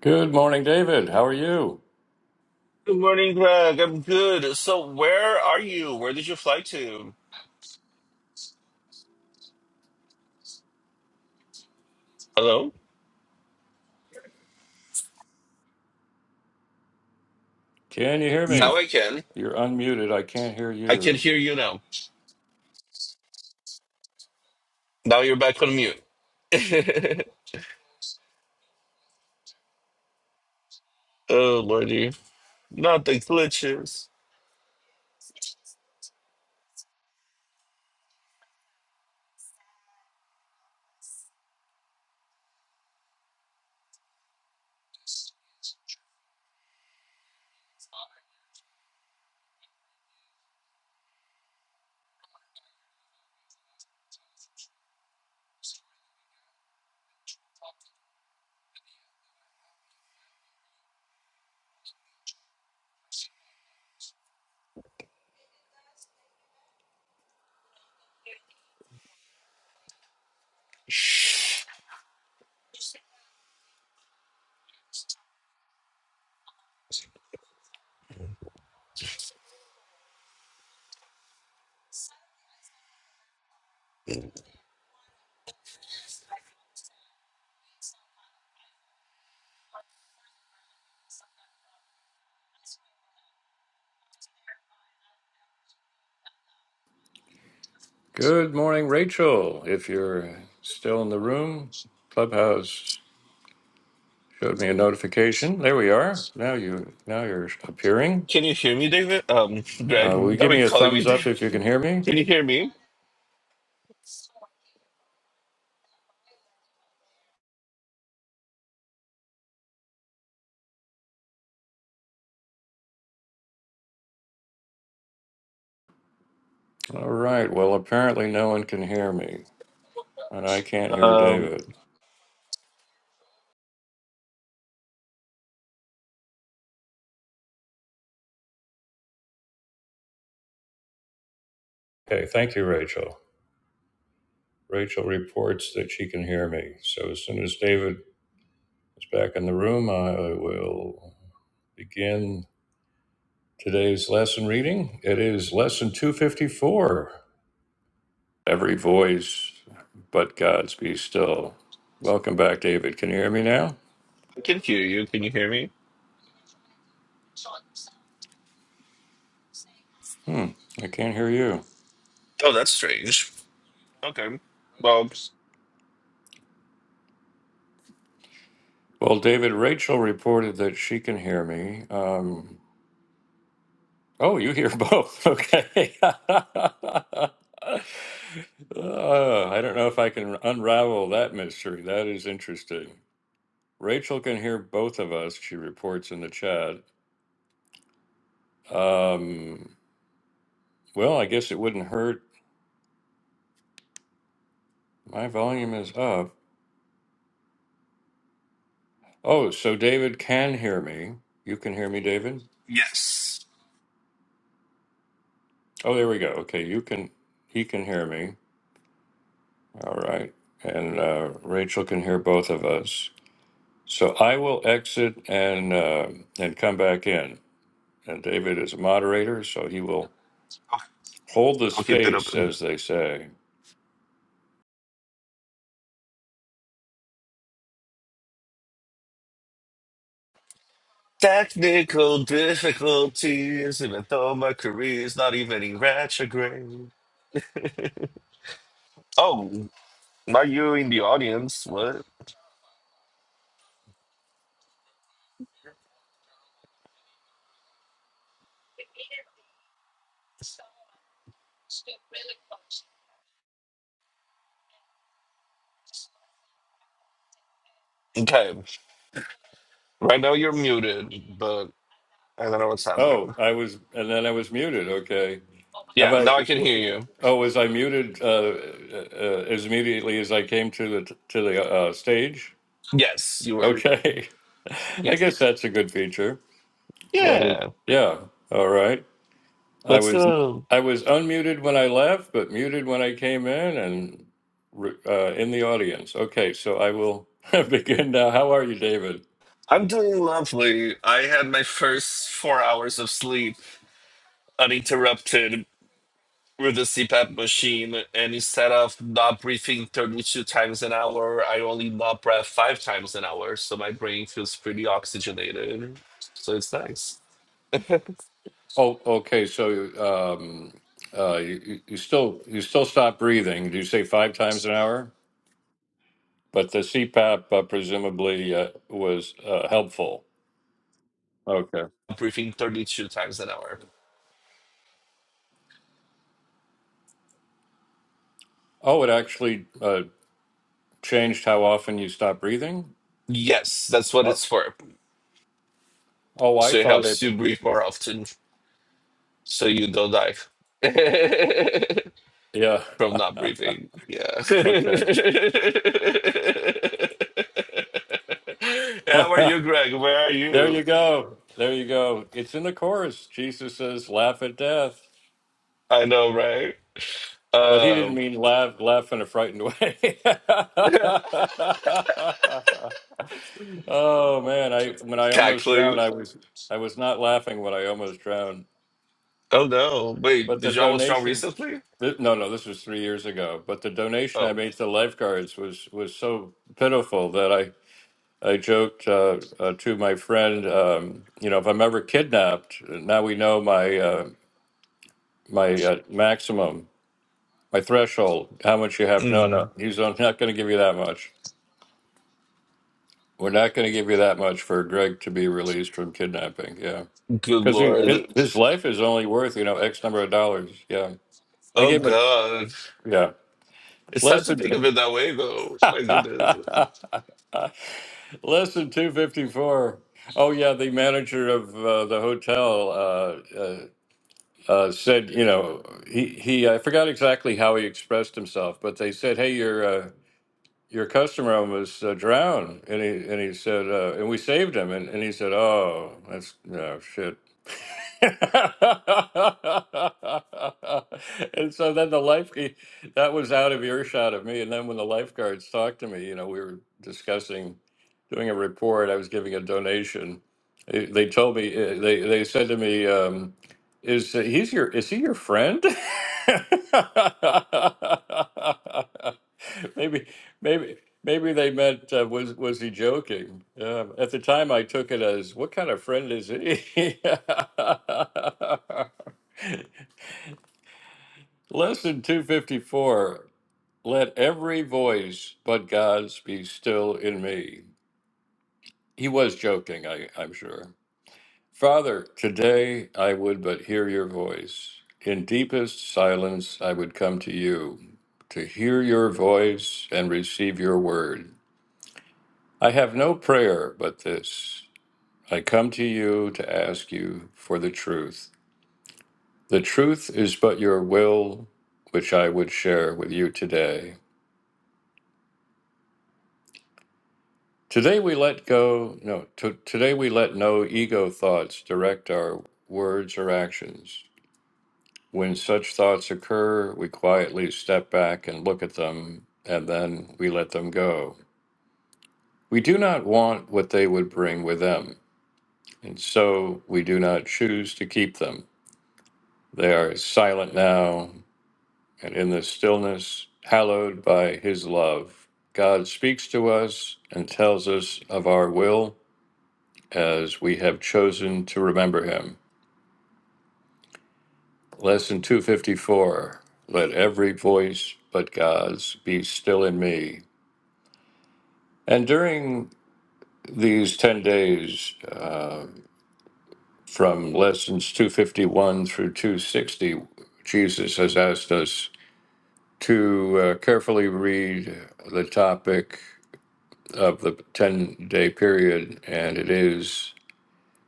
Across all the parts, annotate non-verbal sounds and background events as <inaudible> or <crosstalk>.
Good morning, David. How are you? Good morning, Greg. I'm good. So, where are you? Where did you fly to? Hello? Can you hear Now me? I can. You're unmuted. I can't hear I can you. hear you now. Now you're back on mute. <laughs> oh, Lordy. Not the glitches. Good morning, Rachel. If you're still in the room, Clubhouse showed me a notification. There we are. Now you now you're appearing. Can you hear me, David? Um, Uh, will Greg, you that give be me a calling me thumbs up David. if you can <laughs> hear me? Can you hear me? All right. Well, apparently no one can hear me, and I can't hear Um, David. Okay. Thank you, Rachel. Rachel reports that she can hear me. So as soon as David is back in the room, I will. begin today's lesson reading. It is lesson 254 Every Voice But God's Be Still. Welcome back, David. Can you hear me now? I can hear you. Can you hear me? Hmm, I can't hear you. Oh, that's strange. Okay. Well, Well, David, Rachel reported that she can hear me. Um, oh, you hear both. <laughs> Okay. <laughs> Uh, I don't know if I can unravel that mystery. That is interesting. Rachel can hear both of us, she reports in the chat. Um, Well, I guess it wouldn't hurt. My volume is up. Oh, so David can hear me. You can hear me, David? yes. Oh, there we go. Okay, you can, he can hear me. All right. And uh, Rachel can hear both of us. So I will exit and uh, and come back in. And David is a moderator, so he will Okay, hold the I'll keep it space, up. as they say. Technical difficulties, even though my career is not even in retrograde. Oh, not you in the audience. What? Okay. Right now you're muted, but I don't know what's Oh, happening. I was, and then I was muted. Okay. Have Yeah, I? now I can hear you. Oh, was I muted uh, uh, uh, as immediately as I came to the to the uh, stage? Yes, you were. Okay, <laughs> I Yeah. guess that's a good feature. As long as- Yeah. yeah, all right. I Let's was go. I was unmuted when I left, but muted when I came in and re- uh, in the audience. Okay, so I will <laughs> begin now. How are you, David? I'm doing lovely. I had my first four hours of sleep uninterrupted with the CPAP machine, and instead of not breathing 32 times an hour, I only not breath five times an hour. So my brain feels pretty oxygenated. So it's nice. Oh, okay. So um, uh, you, you you still you still stop breathing? Do you say five times an hour? But the CPAP uh, presumably uh, was uh, helpful. Okay. Breathing 32 times an hour. Oh, it actually uh, changed how often you stop breathing? Yes, that's what Oh, it's for. oh I So it thought it. helps you breathe more often so you don't die <laughs> Yeah. from <laughs> not breathing. Yeah. <laughs> okay. How are you, Greg? Where are <laughs> there you? you go. There you go. It's in the chorus. Jesus says, laugh at death. I know, right? But he Um, didn't mean laugh, laugh in a frightened way. <laughs> oh man, I when I Got almost clue. drowned, I was I was not laughing when I almost drowned. Oh no. Wait, But the did y'all want strong donation recently? Th- No, no, this was three years ago. But the donation I Oh. made to the lifeguards was was so pitiful that I I joked uh, uh, to my friend, um, you know, if I'm ever kidnapped, now we know my uh, my uh, maximum, my threshold, how much you have. No, Mm, no, he's not going to give you that much. We're not going to give you that much for Greg to be released from kidnapping. Yeah, good because lord. his life is only worth you know X number of dollars. Yeah, I Oh gave him god. a yeah It's time less to think of than. it that way though. My goodness. <laughs> Lesson 254. Oh, yeah, the manager of uh, the hotel uh, uh, uh, said, you know, he, he, I forgot exactly how he expressed himself, but they said, hey, your, uh, your customer almost uh, drowned. And he, and he said, uh, and we saved him. And, and he said, oh, that's, no, shit. <laughs> and so then the lifeguard that was out of earshot of me and then when the lifeguards talked to me you know we were discussing doing a report i was giving a donation they, they told me uh, they, they said to me um, is he's your is he your friend <laughs> Maybe, maybe, maybe they meant uh, was was he joking? Uh, at the time, I took it as what kind of friend is he? <laughs> Lesson two fifty four. Let every voice but God's be still in me. He was joking, I, I'm sure. Father, today I would but hear your voice. In deepest silence, I would come to you to hear your voice and receive your word. I have no prayer but this I come to you to ask you for the truth. The truth is but your will, which I would share with you today. Today we let go, no, to, today we let no ego thoughts direct our words or actions. When such thoughts occur, we quietly step back and look at them, and then we let them go. We do not want what they would bring with them, and so we do not choose to keep them. They are silent now, and in the stillness hallowed by his love. God speaks to us and tells us of our will as we have chosen to remember him. Lesson 254 Let every voice but God's be still in me. And during these 10 days uh, from lessons 251 through 260, Jesus has asked us to uh, carefully read the topic of the 10 day period, and it is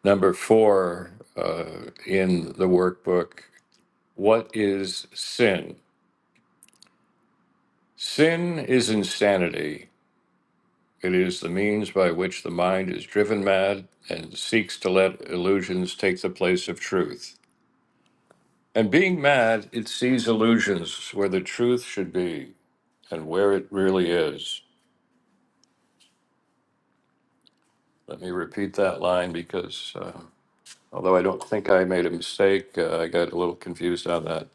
number four uh, in the workbook. What is sin? Sin is insanity. It is the means by which the mind is driven mad and seeks to let illusions take the place of truth. And being mad, it sees illusions where the truth should be and where it really is. Let me repeat that line because uh, although I don't think I made a mistake, uh, I got a little confused on that.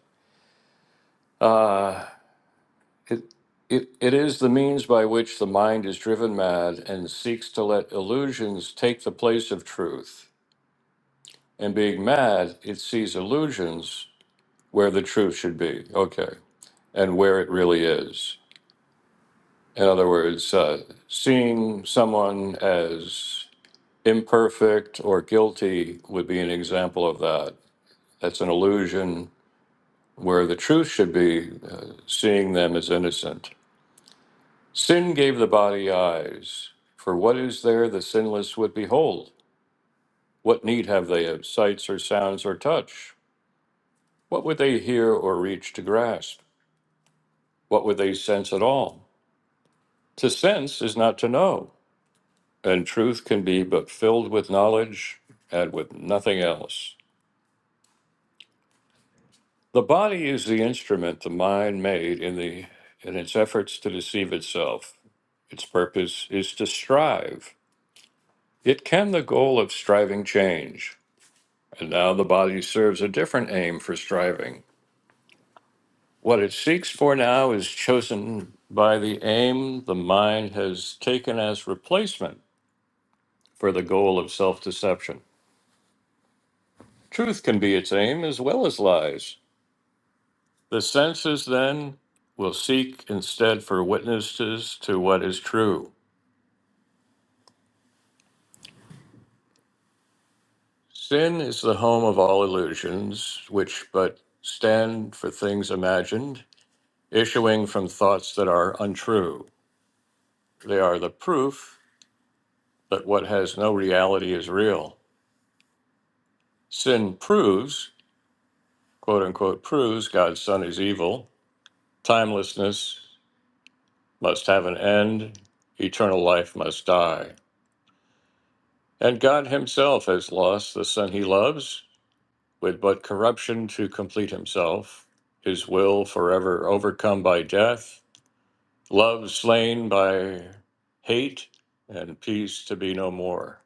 Uh, it, it, it is the means by which the mind is driven mad and seeks to let illusions take the place of truth. And being mad, it sees illusions where the truth should be, okay, and where it really is. In other words, uh, seeing someone as imperfect or guilty would be an example of that. That's an illusion where the truth should be, uh, seeing them as innocent. Sin gave the body eyes. For what is there the sinless would behold? What need have they of sights or sounds or touch? What would they hear or reach to grasp? What would they sense at all? To sense is not to know, and truth can be but filled with knowledge and with nothing else. The body is the instrument the mind made in the in its efforts to deceive itself. Its purpose is to strive. Yet can the goal of striving change? And now the body serves a different aim for striving. What it seeks for now is chosen by the aim the mind has taken as replacement for the goal of self deception. Truth can be its aim as well as lies. The senses, then, will seek instead for witnesses to what is true. Sin is the home of all illusions, which but stand for things imagined, issuing from thoughts that are untrue. They are the proof but what has no reality is real. Sin proves, quote unquote, proves God's Son is evil. Timelessness must have an end. Eternal life must die. And God Himself has lost the Son He loves with but corruption to complete Himself, His will forever overcome by death, love slain by hate, and peace to be no more.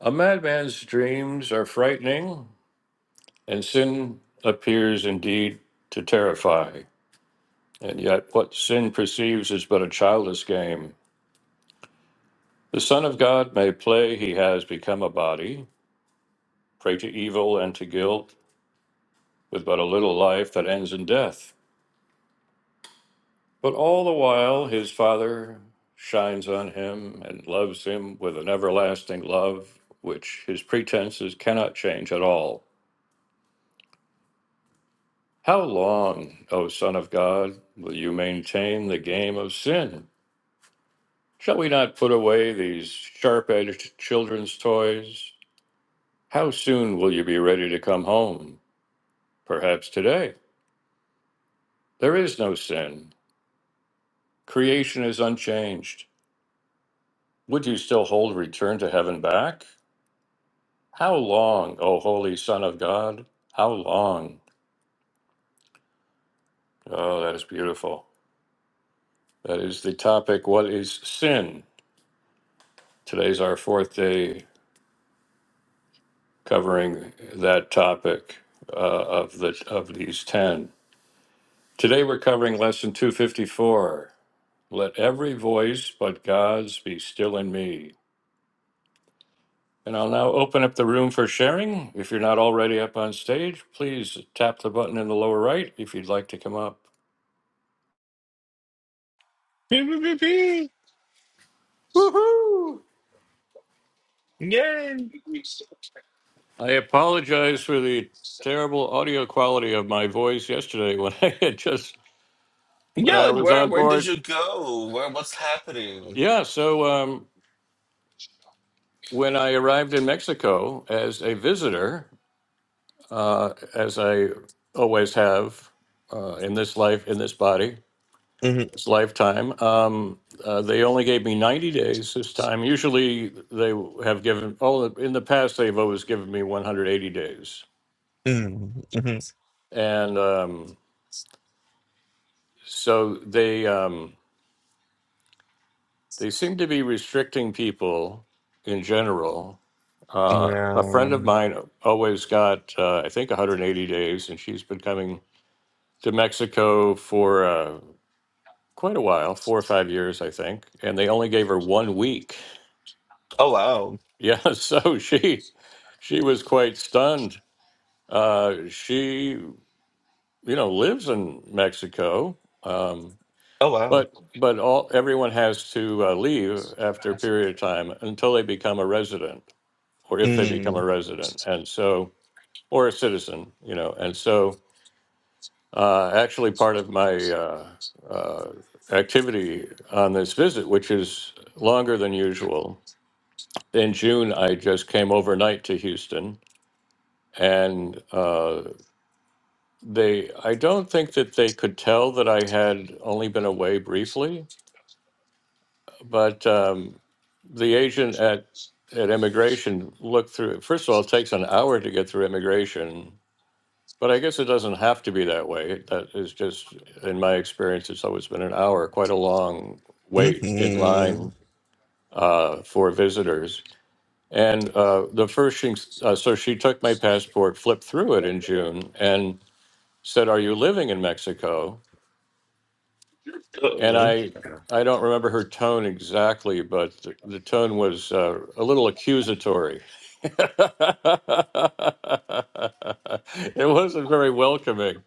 A madman's dreams are frightening, And sin appears indeed to terrify, and yet what sin perceives is but a childish game. The Son of God may play he has become a body, prey to evil and to guilt, with but a little life that ends in death. But all the while his Father shines on him and loves him with an everlasting love which his pretenses cannot change at all. How long, O Son of God, will you maintain the game of sin? Shall we not put away these sharp edged children's toys? How soon will you be ready to come home? Perhaps today. There is no sin. Creation is unchanged. Would you still hold return to heaven back? How long, O Holy Son of God? How long? Oh, that is beautiful. That is the topic What is sin? Today's our fourth day covering that topic uh, of, the, of these 10. Today we're covering lesson 254. Let every voice but God's be still in me. And I'll now open up the room for sharing. If you're not already up on stage, please tap the button in the lower right if you'd like to come up. Beep, beep, beep, beep. Woohoo! Yay. I apologize for the terrible audio quality of my voice yesterday when <laughs> I had just when Yeah, I like was where on where did board. you go? Where what's happening? Yeah, so um, when I arrived in Mexico as a visitor. uh, as I always have uh, in this life, in this body, hmm this lifetime. Um, uh, they only gave me 90 days this time. Usually they have given, oh, in the past, they've always given me 180 days. hmm And um, so they, um, they seem to be restricting people in general. Uh, a friend Yeah. of mine always got, uh, I think, 180 days, and she's been coming to Mexico for. Uh, quite a while, four or five years, I think, and they only gave her one week. <laughs> Oh wow. Yeah, so she she was quite stunned. Uh, she you know lives in Mexico, um, Oh wow. but but all everyone has to uh, leave after a period of time until they become a resident, or if they become a Mm. resident, and so or a citizen, you know, and so uh, actually part of my uh, uh, activity on this visit, which is longer than usual in June, I just came overnight to Houston, and uh, they I don't think that they could tell that I had only been away briefly, but um, the agent at at immigration looked through. First of all, it takes an hour to get through immigration, but I guess it doesn't have to be that way. That is just, in my experience, it's always been an hour, quite a long wait in hmm line uh, for visitors And uh, the first thing, uh, so she took my passport, flipped through it in June, and said, "Are you living in Mexico?" And Oh. I, I don't remember her tone exactly, but the, the tone was uh, a little accusatory. <laughs> it wasn't very welcoming.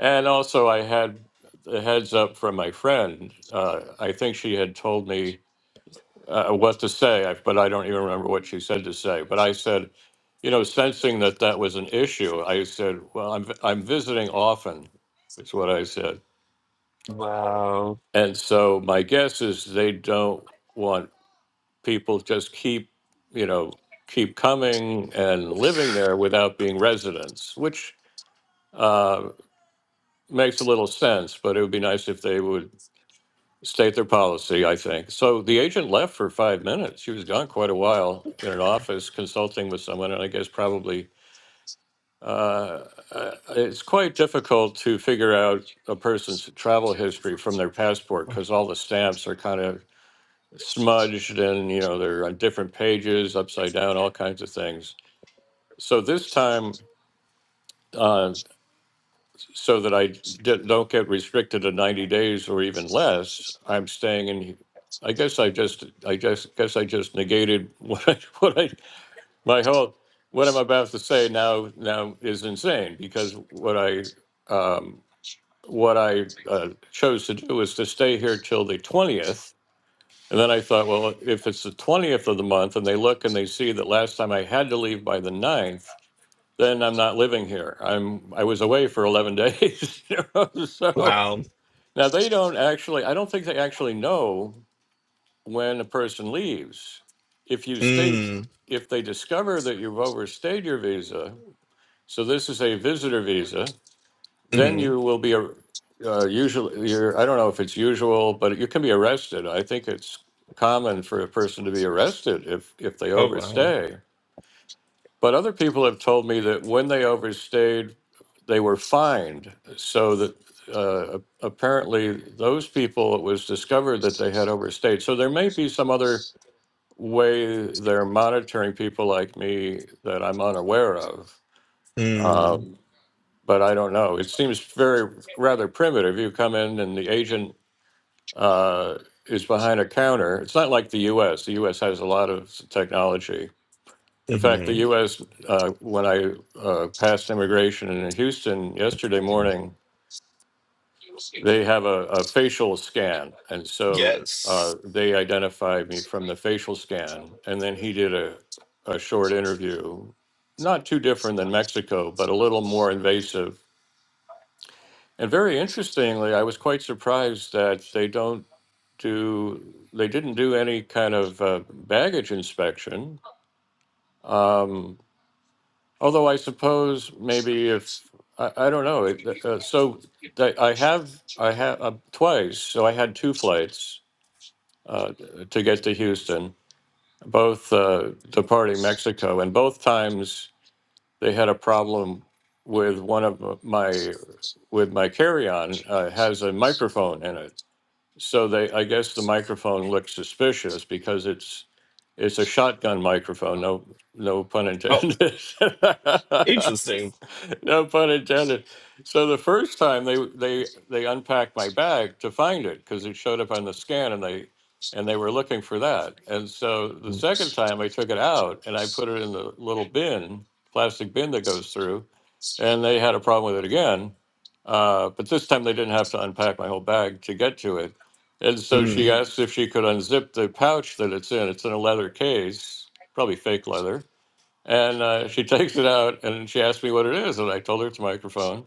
And also, I had the heads up from my friend. Uh, I think she had told me uh, what to say, I- but I don't even remember what she said to say. But I said, you know, sensing that that was an issue, I said, well, I'm I'm visiting often, is what I said. Wow. And so my guess is they don't want people just keep, you know, keep coming and living there without being residents, which uh, makes a little sense. But it would be nice if they would state their policy, I think. So the agent left for five minutes. She was gone quite a while in an office consulting with someone, and I guess probably uh, uh, it's quite difficult to figure out a person's travel history from their passport because all the stamps are kind of smudged and you know they're on different pages, upside down, all kinds of things. So this time. uh, so that I did, don't get restricted to 90 days or even less, I'm staying in. I guess I just, I just guess I just negated <laughs> what I, what I, my whole, what I'm about to say now, now is insane because what I, um, what I uh, chose to do was to stay here till the 20th. And then I thought, well, if it's the 20th of the month and they look and they see that last time I had to leave by the 9th, then I'm not living here. I'm I was away for 11 days. <laughs> You know? So Wow. now they don't actually. I don't think they actually know when a person leaves. If you stay, Mm. if they discover that you've overstayed your visa, so this is a visitor visa, then hmm you will be a uh, usually you're I don't know if it's usual, but you can be arrested. I think it's common for a person to be arrested if if they Oh wow. overstay. But other people have told me that when they overstayed, they were fined. So that uh, apparently those people, it was discovered that they had overstayed. So there may be some other way they're monitoring people like me that I'm unaware of. Mm. Um, but I don't know. It seems very rather primitive. You come in and the agent uh, is behind a counter. It's not like the U.S. The U.S. has a lot of technology in fact, the hmm U.S., uh, when I uh, passed immigration in Houston yesterday morning, they have a, a facial scan. And so uh, Yes. they identified me from the facial scan. And then he did a, a short interview, not too different than Mexico, but a little more invasive. And very interestingly, I was quite surprised that they don't do, they didn't do any kind of uh, baggage inspection. Um, Although I suppose maybe if I, I don't know. It, uh, uh, so that I have I have uh, twice. So I had two flights uh, to get to Houston, both uh, departing Mexico, and both times they had a problem with one of my with my carry-on uh, has a microphone in it. So they I guess the microphone looked suspicious because it's it's a shotgun microphone. No no pun Oh, intended. <laughs> interesting. no pun intended. So the first time they they they unpacked my bag to find it because it showed up on the scan and they and they were looking for that. And so the second time I took it out and I put it in the little bin, plastic bin that goes through, and they had a problem with it again. Uh, but this time they didn't have to unpack my whole bag to get to it. And so she Mm. asked if she could unzip the pouch that it's in. It's in a leather case, probably fake leather and uh, she <laughs> takes it out and she asked me what it is. And I told her it's a microphone.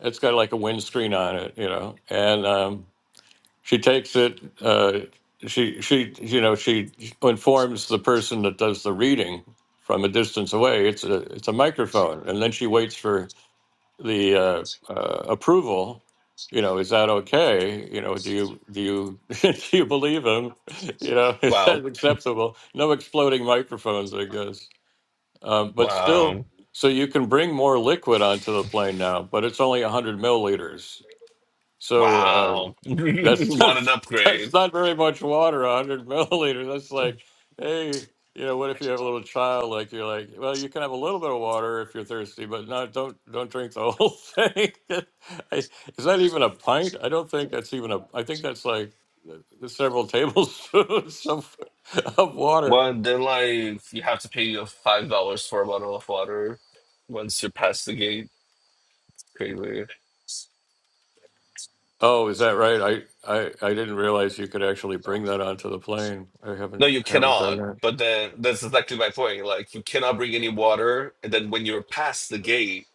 It's got like a windscreen on it, you know. And um, she takes it. Uh, she she you know she informs the person that does the reading from a distance away. It's a it's a microphone, and then she waits for the uh, uh, approval. You know, is that okay? You know, do you do you <laughs> do you believe him? <laughs> You know, is Wow. that acceptable? No exploding microphones, I guess. Um, but still, Wow. so you can bring more liquid onto the plane now, but it's only 100 milliliters. So uh, Wow. <laughs> that's <laughs> not what an that's upgrade. not very much water. 100 <laughs> milliliters. That's like, hey, you know, what if you have a little child? Like you're like, well, you can have a little bit of water if you're thirsty, but not don't don't drink the whole <laughs> thing. I, is that even a pint? I don't think that's even a. I think that's like uh, several <laughs> tablespoons of of water Well, then, like, you have to pay your $5 for a bottle of water once you're past the gate. Crazy. Oh, is that right? I, I I didn't realize you could actually bring that onto the plane. I No, haven't you haven't done cannot. that. But then, that's exactly my point. Like, you cannot bring any water. And then, when you're past the gate,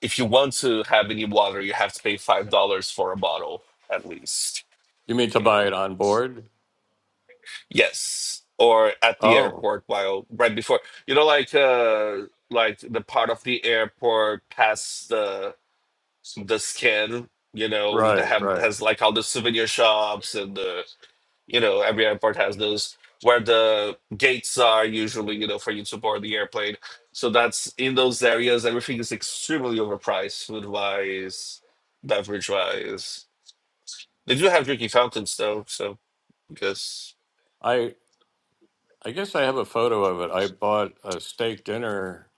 if you want to have any water, you have to pay $5 for a bottle, at least. You mean to You know. buy it on board? Yes, or at the Oh, airport while right before you know, like uh, like the part of the airport past the the scan, you know, that right, have right. has like all the souvenir shops and the you know every airport has those where the gates are usually you know for you to board the airplane. So that's in those areas. Everything is extremely overpriced, food wise, beverage wise. They do have drinking fountains though, so because. I I guess I have a photo of it. I bought a steak dinner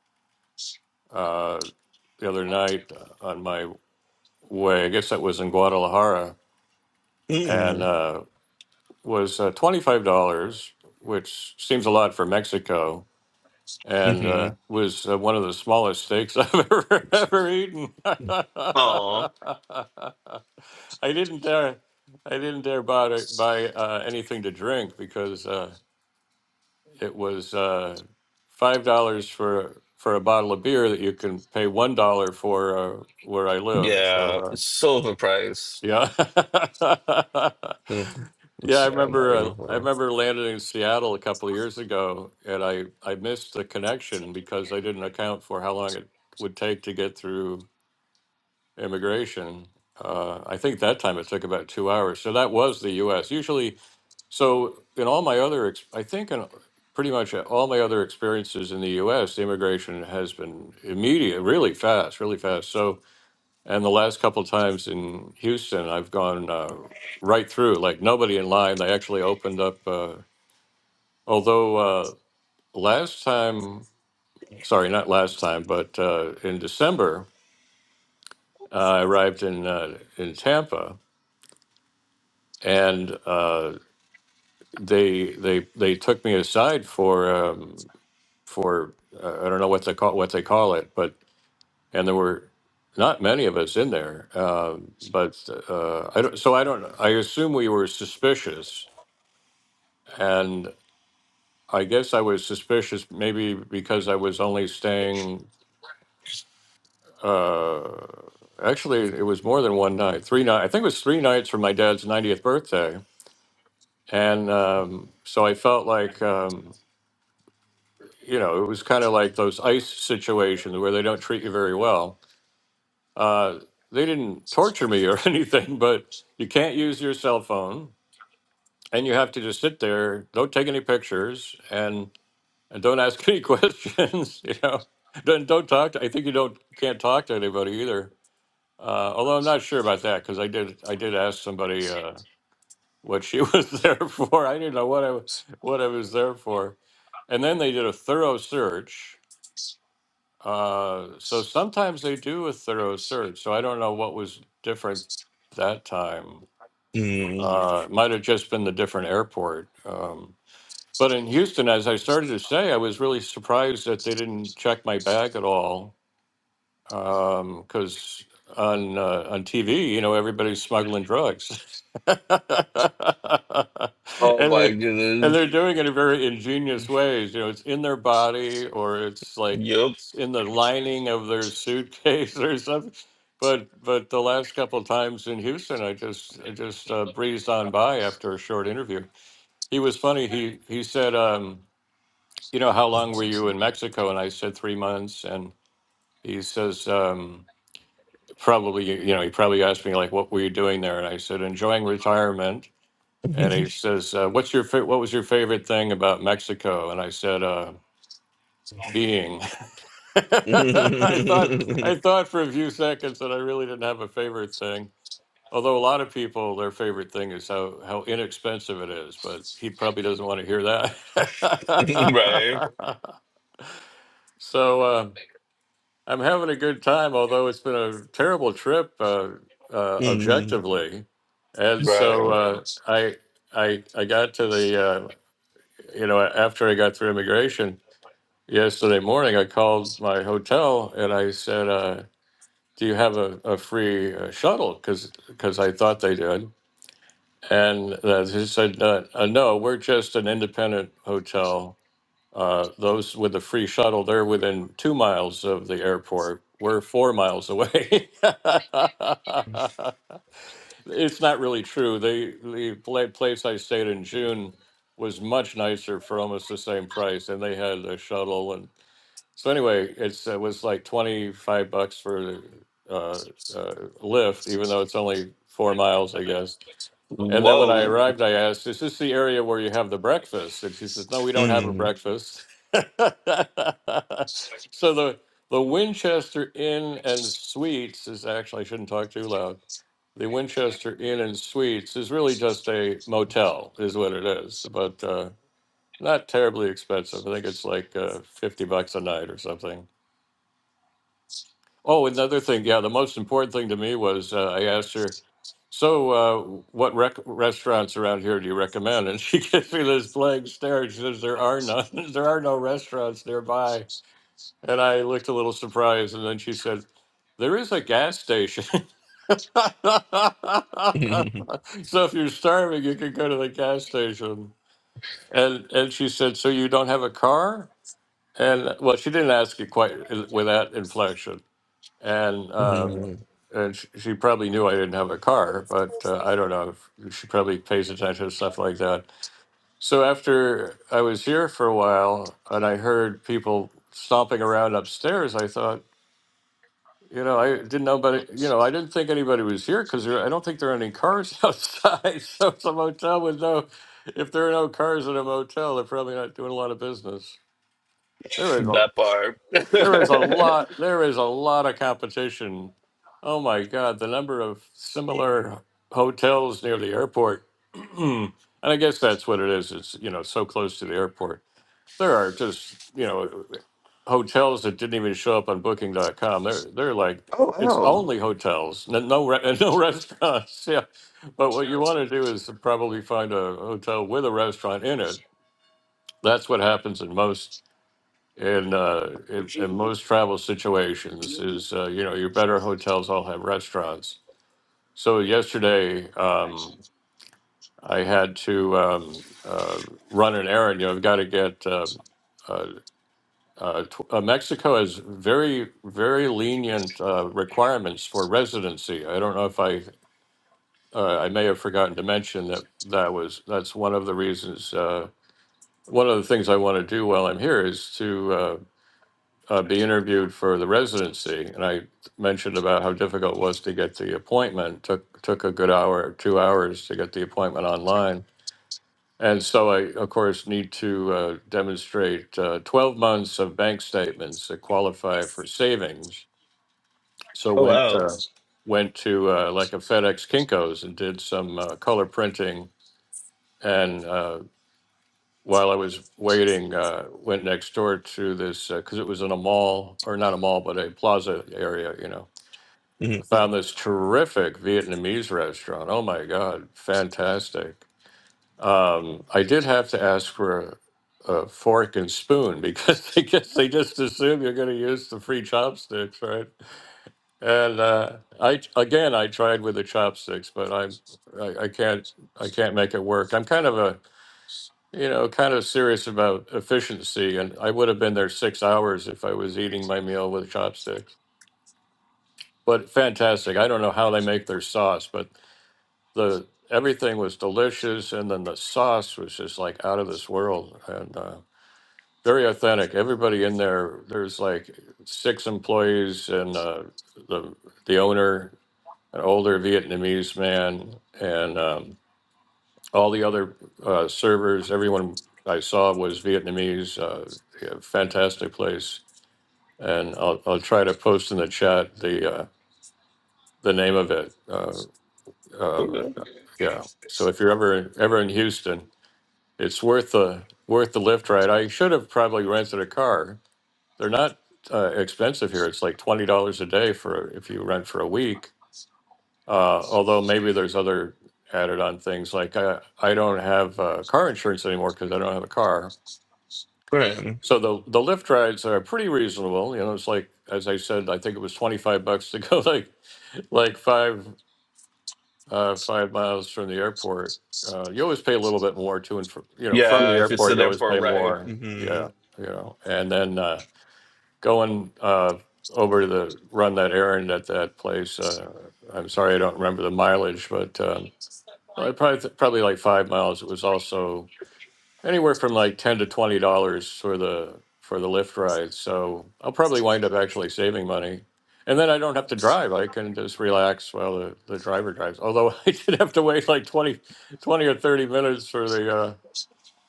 uh, the other night uh, on my way. I guess that was in Guadalajara and Mm-hmm. uh, was uh, twenty five dollars, which seems a lot for Mexico and uh, was uh, one of the smallest steaks <laughs> I've ever ever eaten. <laughs> I Oh, didn't dare, I didn't dare buy buy uh, anything to drink because uh, it was uh, five dollars for for a bottle of beer that you can pay one dollar for uh, where I live. So. yeah, uh, it's so overpriced. yeah. <laughs> Mhm. Yeah, It's, I yeah, I'm not remember uh, even. I remember landing in Seattle a couple of years ago and I I missed the connection because I didn't account for how long it would take to get through immigration. Uh, I think that time it took about two hours. So that was the US. Usually, so in all my other, ex- I think in pretty much all my other experiences in the US, the immigration has been immediate, really fast, really fast. So and the last couple times in Houston, I've gone uh, right through, like nobody in line. They actually opened up. Uh, although uh, last time, sorry, not last time, but uh, in December, uh, I arrived in uh, in Tampa, and uh, they they they took me aside for um, for uh, I don't know what they call what they call it, but and there were not many of us in there, uh, but uh, I don't. So I don't. I assume we were suspicious And I guess I was suspicious, maybe because I was only staying. Uh, actually, it was more than one night, three nights. I think it was three nights for my dad's 90th birthday, and um, so I felt like um, you know it was kind of like those ICE situations where they don't treat you very well. Uh, they didn't torture me or <laughs> anything, but you can't use your cell phone, and you have to just sit there, don't take any pictures, and and don't ask any <laughs> questions. You know, don't don't talk. To, I think you don't can't talk to anybody either. Uh, although I'm not sure about that because I did I did ask somebody uh, what she <laughs> was there for. I didn't know what I what I was there for, and then they did a thorough search. Uh, so sometimes they do a thorough search. So I don't know what was different that time. Mm. Uh, it might have just been the different airport. Um, But in Houston, as I started to say, I was really surprised that they didn't check my bag at all. Because on uh, on TV, you know, everybody's smuggling drugs, <laughs> and Oh my they and goodness. they're doing it in very ingenious ways. You know, it's in their body, or it's like Yup. it's in the lining of their suitcase <laughs> or something. But but the last couple of times in Houston, I just I just uh, breezed on by after a short interview. He was funny. He he said. Um, you know, how long were you in Mexico? And I said three months. And he says, um, probably, you know, he probably asked me like, what were you doing there? And I said, enjoying retirement. And he <laughs> says, uh, what's your fa- what was your favorite thing about Mexico? And I said, uh, being. <laughs> I thought I Mhm. thought for a few seconds that I really didn't have a favorite thing. Although a lot of people, their favorite thing is how, how inexpensive it is, but he probably doesn't want to hear right. that. <laughs> so, uh, I'm having a good time, although it's been a terrible trip uh, uh, Mm. objectively. And so Right. uh, I, I, I got to the, uh, you know, after I got through immigration yesterday morning, I called my hotel and I said, uh, "Do you have a, a free uh, shuttle?" Because I thought they did, and uh, they said, uh, uh, "No, we're just an independent hotel." Uh, those with the free shuttle, they're within two miles of the airport. We're four miles away. <laughs> it's not really true. The the pla- place I stayed in June was much nicer for almost the same price, and they had a shuttle. And so anyway, it's it was like twenty five bucks for uh, uh, Lyft, even though it's only four miles, I guess and then when I Whoa. arrived, I asked, "Is this the area where you have the breakfast?" And she says, "No, we don't have a Mm. breakfast." <laughs> so the the Winchester Inn and Suites is actually I shouldn't talk too loud. The Winchester Inn and Suites is really just a motel, is what it is, but uh, not terribly expensive. I think it's like uh, fifty bucks a night or something. Oh, another thing. Yeah, the most important thing to me was uh, I asked her, "So, uh, what rec- restaurants around here do you recommend?" And she <laughs> gives me this blank stare. She says, "There are none. <laughs> there are no restaurants nearby." And I looked a little surprised, and then she said, "There is a gas station." <laughs> Mhm. so if you're starving, you can go to the gas station. And and she said, "So you don't have a car?" And well, she didn't ask it quite uh, with that inflection and um, Mhm. and she, she probably knew I didn't have a car, but uh, I don't know. If, she probably pays attention to stuff like that. So after I was here for a while, and I heard people stomping around upstairs, I thought, you know, I didn't know, but you know, I didn't think anybody was here because I don't think there are any cars <laughs> outside. so it's a motel with no. If there are no cars in a motel, they're probably not doing a lot of business. There we go. that part. There is a <laughs> lot. There is a lot of competition. Oh my God, the number of similar hotels near the airport, <clears throat> and I guess that's what it is. It's you know so close to the airport. There are just you know hotels that didn't even show up on Booking.com. They're they're like oh it's wow. only hotels, no no, re- <laughs> no restaurants. Yeah, but what you want to do is probably find a hotel with a restaurant in it. That's what happens in most in uh, in, in most travel situations is uh, you know your better hotels all have restaurants. So yesterday um, I had to um, uh, run an errand. You know I've got to get. Uh, uh, uh, tw- uh, Mexico has very, very lenient uh, requirements for residency. I don't know if I, uh, I may have forgotten to mention that that was that's one of the reasons. Uh, one of the things I want to do while I'm here is to uh, uh, be interviewed for the residency, and I mentioned about how difficult it was to get the appointment. took took a good hour, two hours to get the appointment online, and so I, of course, need to uh, demonstrate uh, twelve months of bank statements that qualify for savings. So Oh went wow. uh, went to uh, like a FedEx Kinkos and did some uh, color printing and. uh, while I was waiting, uh, went next door to this because it was in a mall or not a mall, but a plaza area. You know, Mhm. I found this terrific Vietnamese restaurant. Oh my god, fantastic! Um, I did have to ask for a, a fork and spoon because <laughs> I guess they just assume you're going to use the free chopsticks, right? And uh, I again, I tried with the chopsticks, but I'm I, I can't I can't make it work. I'm kind of a you know, kind of serious about efficiency, and I would have been there six hours if I was eating my meal with chopsticks. But fantastic! I don't know how they make their sauce, but the everything was delicious, and then the sauce was just like out of this world and uh, very authentic. Everybody in there, there's like six employees and uh, the the owner, an older Vietnamese man, and um, All the other uh, servers, everyone I saw was Vietnamese. Uh, yeah, fantastic place, and I'll I'll try to post in the chat the uh, the name of it. Uh, uh, Okay. yeah. So if you're ever ever in Houston, it's worth the worth the lift ride. I should have probably rented a car. They're not uh, expensive here. It's like twenty dollars a day for if you rent for a week. Uh, although maybe there's other added on things like I I don't have uh, car insurance anymore because I don't have a car Right. So the the lift rides are pretty reasonable. You know, it's like as I said, I think it was twenty five bucks to go <laughs> like like five uh, five miles from the airport. Uh, you always pay a little bit more to and from you know from the Yeah, if it's airport. an You always airport pay ride. more. hmm Yeah, you know, and then uh, going uh, over to the run that errand at that place. Uh, I'm sorry, I don't remember the mileage, but um, well, I probably probably like five miles. It was also anywhere from like ten to twenty dollars for the for the Lyft ride. So I'll probably wind up actually saving money, and then I don't have to drive. I can just relax while the, the driver drives. Although <laughs> I did have to wait like 20 20 or thirty minutes for the uh,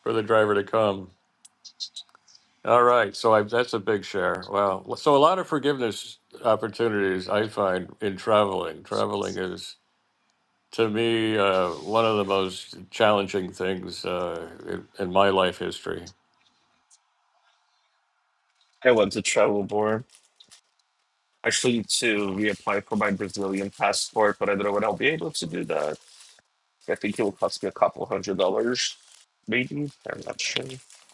for the driver to come. All right, so I, that's a big share. Wow, so a lot of forgiveness opportunities I find in traveling. Traveling is to me uh, one of the most challenging things uh, in, in my life history. I want to travel more. actually to reapply for my Brazilian passport, but I don't know when I'll be able to do that. I think it will cost me a couple hundred dollars, maybe. I'm not sure.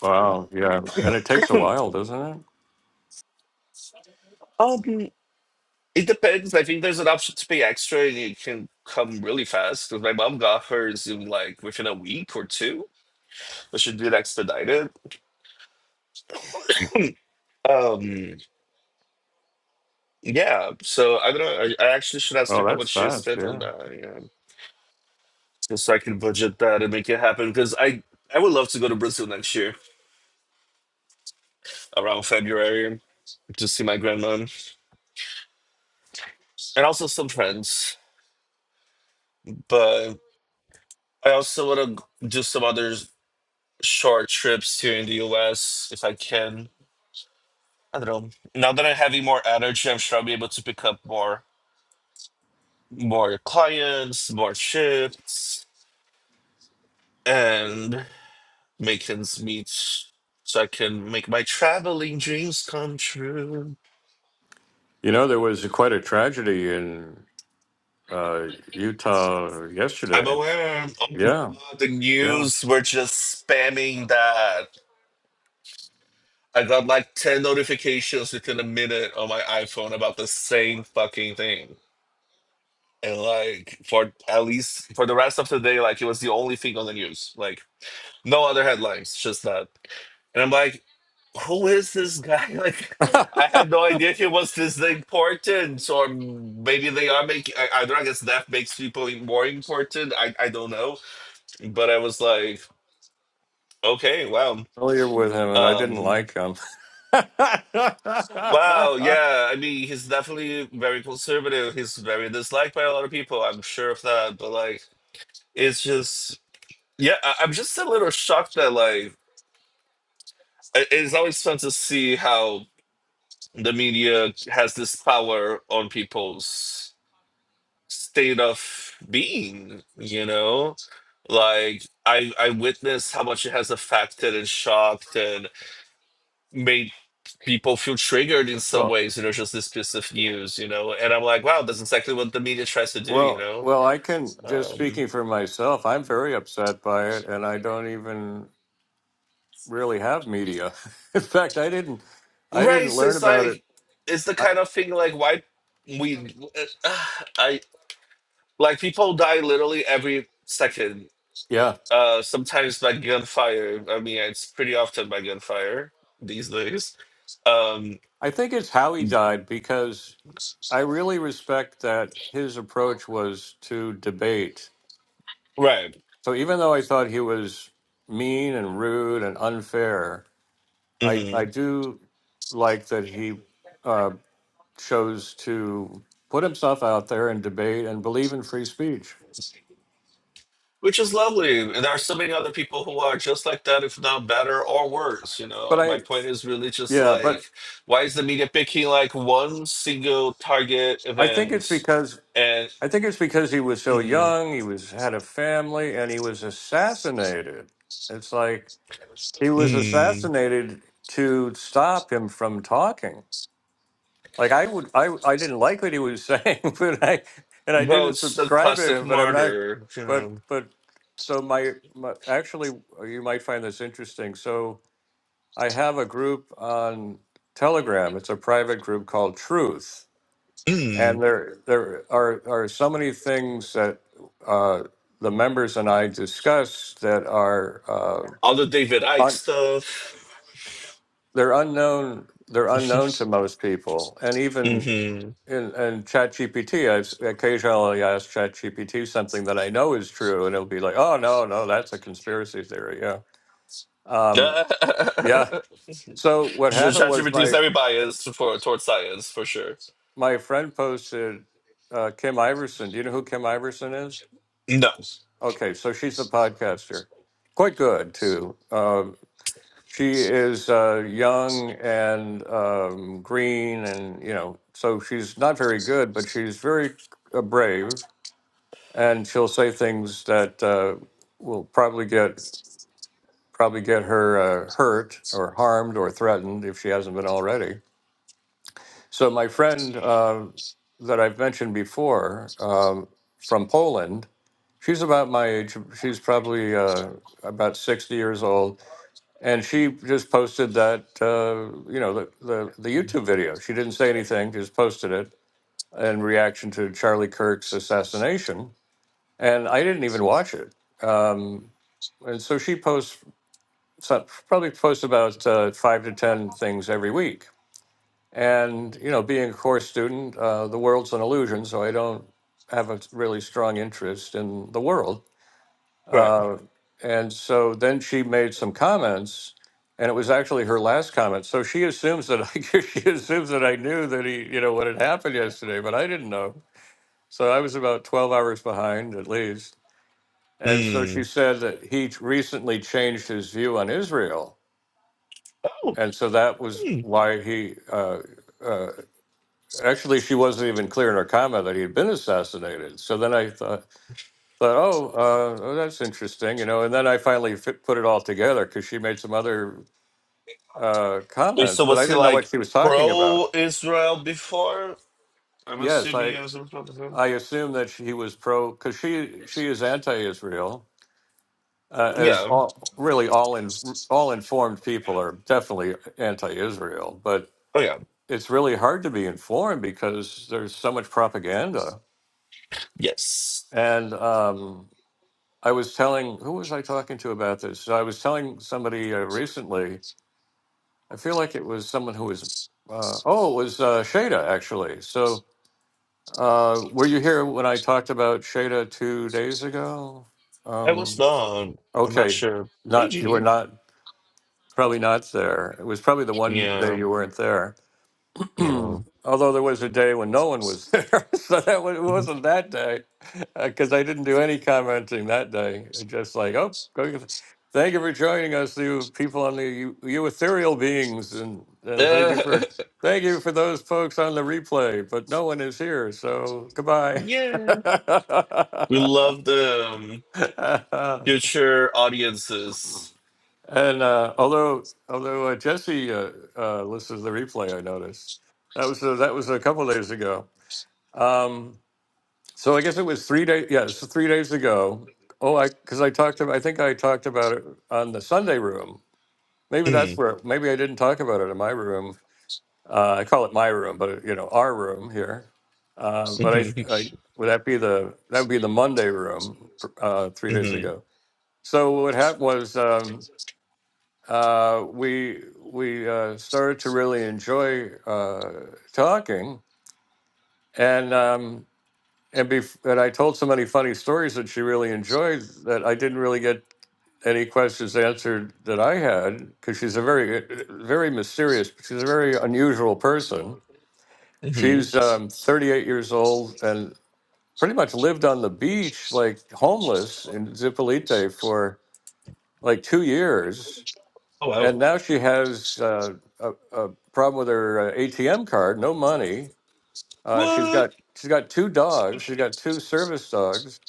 Wow, yeah. And it takes a Hmm. while, doesn't it? Um, it depends. I think there's an option to pay extra, and it can come really fast. 'Cause my mom got hers in like within a week or two, but she did expedite it. <clears throat> um, yeah. So I don't know. I, I actually should ask her Oh, how that's much she fast, spent on yeah. that, yeah, just so I can budget that and make it happen. Because I I would love to go to Brazil next year. around February to see my grandma and also some friends. But I also want to do some other short trips here in the US if I can. I don't know. Now that I'm having more energy, I'm sure I'll be able to pick up more more clients, more shifts, and make ends meet so I can make my traveling dreams come true. You know, there was quite a tragedy in uh, Utah I'm yesterday. aware. Oh my Yeah, god, the yeah. news were just spamming that. I got like 10 notifications within a minute on my iPhone about the same fucking thing. And like for at least for the rest of the day, like it was the only thing on the news. Like no other headlines, just that. And I'm like, who is this guy? <laughs> Like I <laughs> had no idea he was this important. Or maybe they are making I- either I guess that makes people more important. I, I don't know. But I was like, okay, wow. Familiar with him, and I didn't Um like him. Wow, <laughs> yeah. I mean, he's definitely very conservative. He's very disliked by a lot of people. I'm sure of that. But like, it's just, yeah, I- I'm just a little shocked that like, i- it's always fun to see how the media has this power on people's state of being, you know? Like, I I witnessed how much it has affected and shocked and. made people feel triggered in some well, ways, you know, just this piece of news, you know. And I'm like, wow, that's exactly what the media tries to do, you well, know. well. I can just Um, speaking for myself. I'm very upset by it, and I don't even really have media. <laughs> In fact, I didn't. I didn't right, So learn it's about it. like, it's the I, kind of thing like why we, uh, <sighs> I like people die literally every second. yeah, Uh, sometimes by gunfire. I mean, it's pretty often by gunfire these days. Um, I think it's how he died because I really respect that his approach was to debate. right. So even though I thought he was mean and rude and unfair, I Mm-hmm. I do like that he uh, chose to put himself out there and debate and believe in free speech. Which is lovely. And there are so many other people who are just like that, if not better or worse. You But know, my I point is really just yeah, like, but why is the media picking like one single target I think it's event because and I think it's because he was so mm, young, he was had a family, and he was assassinated. It's like he was mm, assassinated to stop him from talking. Like I would, I I didn't like what he was saying, <laughs> but I and I didn't votes the subscribe to classic him. But I'm not. martyr, you But know, but so my, my actually, uh, you might find this interesting. So I have a group on Telegram. It's a private group called Truth, and mm, there there are are so many things that uh, the members and I discuss that are uh, all the David Icke un, stuff? they're unknown. They're <laughs> unknown to most people, and even hmm And, and ChatGPT, I've s- occasionally asked ChatGPT something that I know is true, and it'll be like, "Oh no, no, that's a conspiracy theory." Yeah, um, yeah. <laughs> So what happened was ChatGPT is my very biased for, towards science, for sure. my friend posted uh, Kim Iverson. Do you know who Kim Iverson is? No. Okay, so she's a podcaster, quite good too. Um, she is uh, young and um, green, and you know, so she's not very good, but she's very uh, brave and she'll say things that uh, will probably get probably get her uh, hurt or harmed or threatened if she hasn't been already. So my friend uh, that I've mentioned before um, from Poland, she's about my age. She's probably uh, about sixty years old, and she just posted that uh, you know the, the the YouTube video. She didn't say anything, just posted it in reaction to Charlie Kirk's assassination and I didn't even watch it. Um, and so she posts some, probably posts about uh, five to ten things every week. And you know, being a course student, uh, the world's an illusion, so I don't have a really strong interest in the world. Right. Uh, and so then she made some comments, and it was actually her last comment. So she assumes that I, <laughs> she assumes that I knew that he, you know, what had happened yesterday, but I didn't know. So I was about twelve hours behind at least and so she Mm. said that he recently changed his view on Israel. Oh. And so that was why he, uh, uh, actually, she wasn't even clear in her comment that he had been assassinated. So then I thought, thought oh, uh, oh, that's interesting, you know. And then I finally fit, put it all together because she made some other uh, Wait, comments, so but I was he didn't know what like she was talking about. pro Israel before? I'm Yes, assuming I, he was a Republican. I assume that she was pro, because she, she is anti Israel uh, as Yeah. all really all in all informed people are definitely anti-Israel, but Oh yeah. it's really hard to be informed because there's so much propaganda. Yes. And um, I was telling who was I talking to about this? So I was telling somebody uh, recently. I feel like it was someone who was uh, oh, it was uh, Shada actually. So uh, were you here when I talked about Shada two days ago? I was Um, not. I'm not okay, sure. Hey, not you were Junior. not Probably not there. It was probably the one day Yeah. you weren't there. Yeah. <clears throat> Although there was a day when no one was there, <laughs> so that wa- it Mhm. wasn't that day, because I didn't do any commenting that day. I Just like, oh, go get- thank you for joining us, you people on the you, you ethereal beings, and, and thank you for <laughs> thank you for those folks on the replay. But no one is here, so goodbye. yeah. We love the um, <laughs> future audiences. And uh, although although uh, Jesse uh, uh, listens to the replay, I noticed that was uh, that was a couple days ago. Um, so I guess it was three days. Yeah, it's three days ago. Oh, I because I talked about. I think I talked about it on the Sunday room. Maybe that's Mm. <laughs> where. Maybe I didn't talk about it in my room. Uh, I call it my room, but you know our room here. Uh, but Mm-hmm. I, I would that be the that would be the Monday room uh, three days Mm-hmm. ago. So what happened was. Um, uh, we we uh, started to really enjoy uh, talking, and um, and bef- and I told so many funny stories that she really enjoyed that I didn't really get any questions answered that I had because she's a very uh, very mysterious. She's a very unusual person. Mm-hmm. She's um, 38 years old and pretty much lived on the beach like homeless in Zipolite for like two years Oh wow. And now she has uh, a, a problem with her uh, ATM card, no money. Uh, she's What? got she's got two dogs. She's got two service dogs,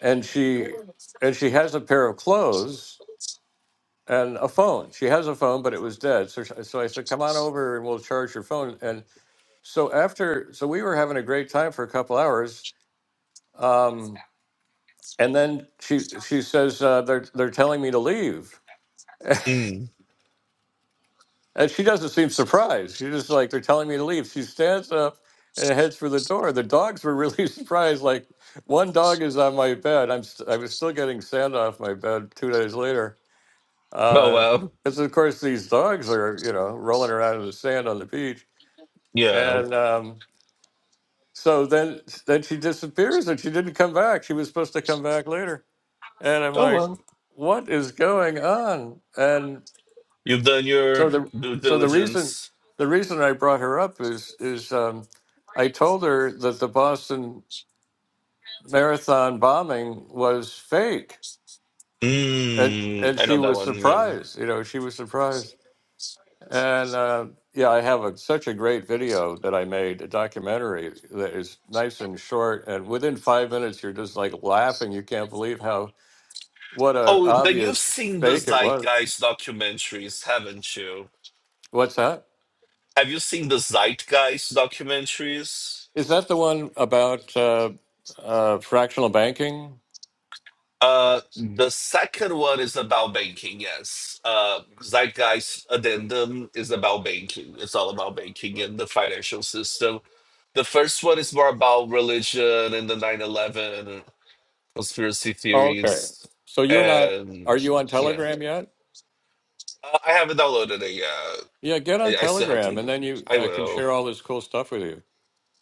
and she and she has a pair of clothes and a phone. She has a phone, but it was dead. So sh- so I said, come on over and we'll charge your phone. And so after so we were having a great time for a couple hours, um, and then she she says uh, they're they're telling me to leave. <laughs> Mm. And she doesn't seem surprised. She's just like, they're telling me to leave. She stands up and heads for the door. The dogs were really <laughs> surprised. Like, one dog is on my bed. I'm st- I was still getting sand off my bed two days later. Oh Uh, wow. Because, of course, these dogs are, you know, rolling around in the sand on the beach. Yeah. And um, so then, then she disappears and she didn't come back. She was supposed to come back later. And I'm Oh like, well. what is going on? And You've done your So the due so the reason diligence. the reason I brought her up is is um, I told her that the Boston Marathon bombing was fake, and Mm, and I she know that was one. Yeah. surprised. You know, she was surprised. And uh, yeah, I have a, such a great video that I made, a documentary that is nice and short, and within five minutes you're just like laughing. You can't believe how what a Oh, then you've obvious seen the fake it was. Zeitgeist documentaries, haven't you? What's that? Have you seen the Zeitgeist documentaries? Is that the one about uh, uh, fractional banking? Uh, the second one is about banking. Yes, uh, Zeitgeist Addendum is about banking. It's all about banking and the financial system. The first one is more about religion and the nine eleven conspiracy Okay. theories, So you're not, are and you on yeah, Telegram yet? I I haven't downloaded it yet. Yeah, get on I, I still have Telegram three and dollars. then you I I can will. share all this cool stuff with you.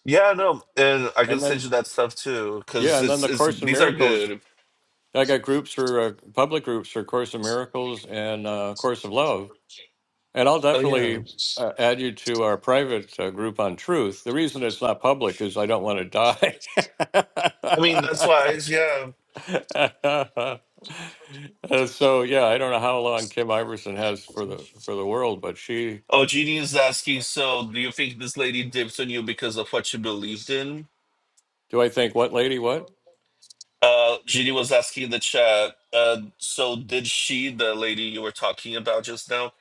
Yeah, no, and I can And send then you that stuff too, yeah, because and then it's the it's Course in these are Miracles, good. I got groups for uh, public groups for Course in Miracles and uh, Course of Love. And I'll Oh yeah. definitely uh, add you to our private uh, group on truth. The reason it's not public is I don't want to die. I mean that's why yeah. <laughs> Uh, so yeah, I don't know how long Kim Iverson has for the for the world, but she Oh, Jeannie is asking, so do you think this lady dipped on you because of what you believed in? Do I think what lady what? Uh Jeannie was asking in the chat, uh, so did she, the lady you were talking about just now,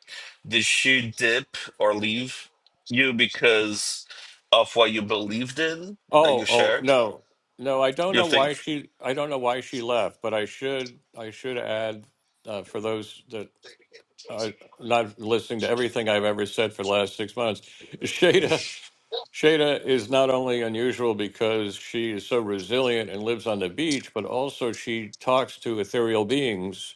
did she dip or leave you because of what you believed in that you Oh, oh shared, no. No, I don't you know why think? she I don't know why she left, but I should I should add uh, for those that are not listening to everything I've ever said for the last 6 months, Shada Shada is not only unusual because she is so resilient and lives on the beach, but also she talks to ethereal beings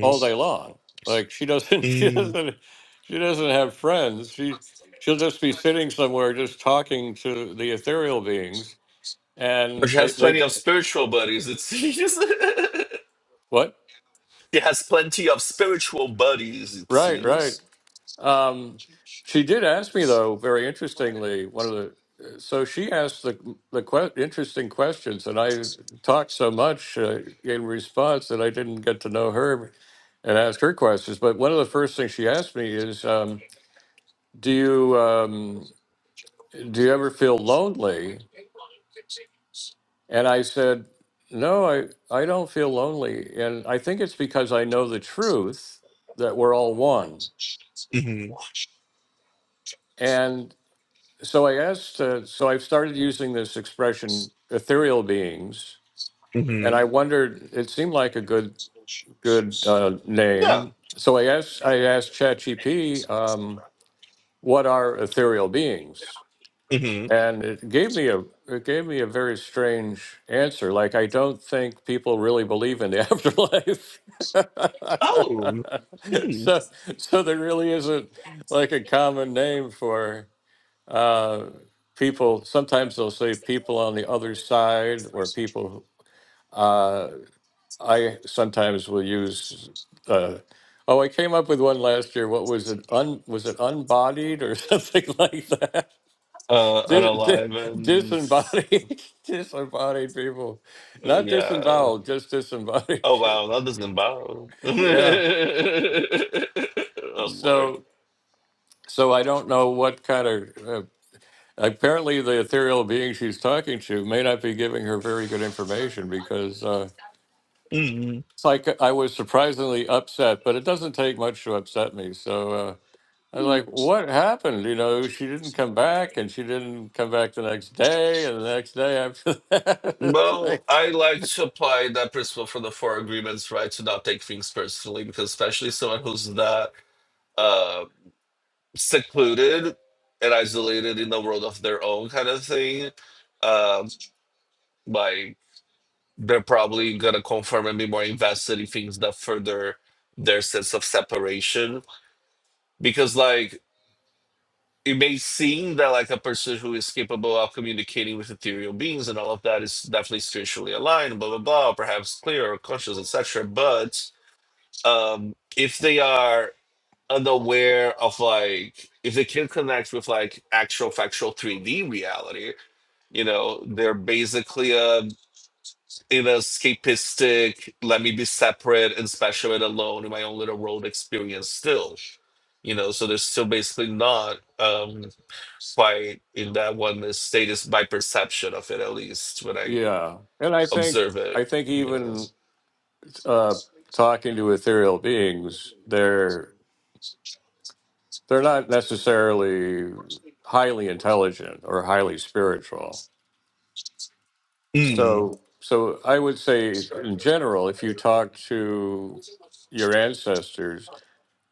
all day long. Like she doesn't, <laughs> she doesn't, she doesn't have friends. She she'll just be sitting somewhere, just talking to the ethereal beings, But and she they has they plenty of spiritual buddies, it seems. <laughs> what? she has plenty of spiritual buddies, it Right, seems. right. Um, she did ask me though, very interestingly, one of the. So she asked the the que- interesting questions, and I talked so much uh, in response that I didn't get to know her and ask her questions. But one of the first things she asked me is, um, "Do you?" Um, do you ever feel lonely? And I said, no, I, I don't feel lonely. And I think it's because I know the truth that we're all one. hmm And so I asked, uh, so I've started using this expression, ethereal beings. hmm And I wondered, it seemed like a good, good uh, Yeah. name. So I asked, I asked ChatGPT, um, what are ethereal beings? hmm and it gave me a it gave me a very strange answer like i don't think people really believe in the <laughs> afterlife Oh. <laughs> Hmm. so so there really isn't like a common name for uh people sometimes they'll say people on the other side or people who- uh i sometimes will use uh Oh, I came up with one last year. What was it? Un was it unbodied or <laughs> something like Uh, Dis, dis, unalive and disembodied, <laughs> disembodied people, oh, not yeah. disemboweled, just disembodied. Oh wow, that doesn't bother. <laughs> yeah. <laughs> oh lord. So, so I don't know what kind of. Uh, apparently, the ethereal being she's talking to may not be giving her very good information because uh, Mm-hmm. it's like I was surprisingly upset, but it doesn't take much to upset me. So. Uh, I was like, what happened? You know, she didn't come back and she didn't come back the next day and the next day after <laughs> that. <laughs> It's like, Well, I like to apply that principle for the four agreements, right? To not take things personally, because especially someone who's not uh, secluded and isolated in the world of their own kind of thing, um, like they're probably gonna confirm and be more invested in things that further their sense of separation. Because like it may seem that like a person who is capable of communicating with ethereal beings and all of that is definitely spiritually aligned, blah blah blah, or perhaps clear or conscious, etc. But um, if they are unaware of like if they can not connect with like actual factual 3D reality, you know, they're basically uh, in a escapistic, let me be separate and special and alone in my own little world experience still. You know, so they're still basically not. Um, that's why in that one the state is my perception of it at least when I Yeah, and I think observe I it, think you know. even uh, talking to ethereal beings, they're they're not necessarily highly intelligent or highly spiritual. Mm. So so I would say in general, if you talk to your ancestors,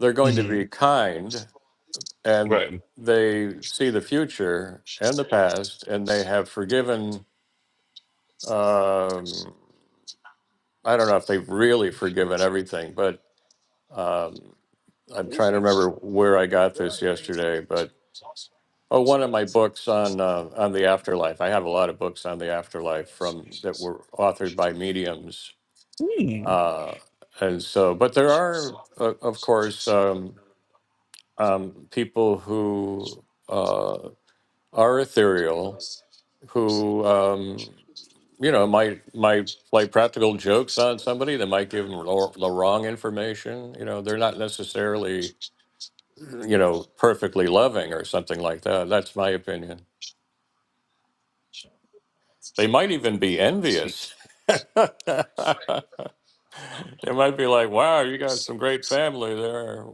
they're going to hmm be kind and Right. they see the future and the past, and they have forgiven. Um, I don't know if they've really forgiven everything, but Um, I'm trying to remember where I got this yesterday, but oh, one of my books on uh, on the afterlife. I have a lot of books on the afterlife from that were authored by mediums, uh, and so. But there are, uh, of course, um, um, people who uh, are ethereal who um, you know might might play practical jokes on somebody. They might give them the wrong information. You know, they're not necessarily you know, perfectly loving or something like that. That's my opinion. They might even be envious. <laughs> they might be like, wow, you got some great family there.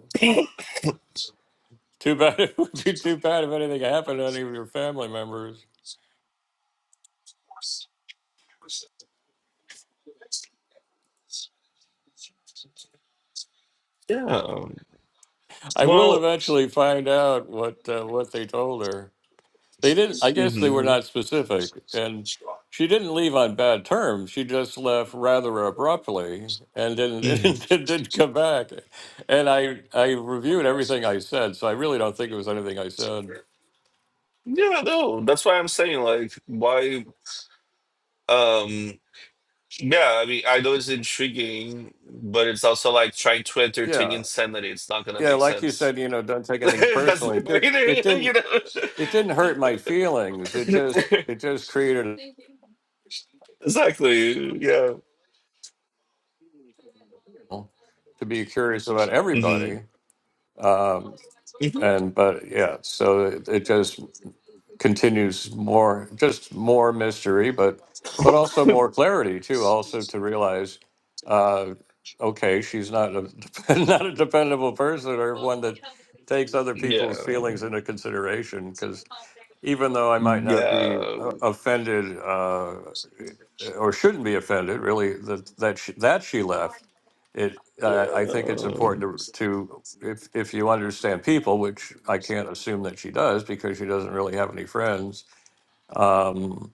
Too bad <laughs> it would be too bad if anything happened to any of your family members. Yeah. I will Well, eventually find out what uh, what they told her. They didn't, I guess they were hmm not specific. And she didn't leave on bad terms. She just left rather abruptly and didn't, <laughs> yeah, didn't, didn't come back. And I, I reviewed everything I said, so I really don't think it was anything I said. no, that's why I'm saying like why um yeah, I mean I know it's intriguing, but it's also like trying to entertain Yeah. insanity. It's not gonna Yeah. make Like you sense. said, you know, don't take <laughs> anything that's my personally. It, point, <laughs> did, it you didn't, know. it didn't hurt my feelings. It just, it just created <laughs> exactly. Yeah. to be curious about hmm everybody. Um, hmm and, but yeah, so it, it just continues more, just more mystery, but but also <laughs> more clarity too. Also to realize, uh, okay, she's not a <laughs> not a dependable person or one that takes other people's yeah. feelings into consideration. because even though I might not be Yeah. uh, offended uh, or shouldn't be offended, really that that she, that she left. It uh, Yeah. I think it's important to to if if you understand people, which I can't assume that she does because she doesn't really have any friends. Um,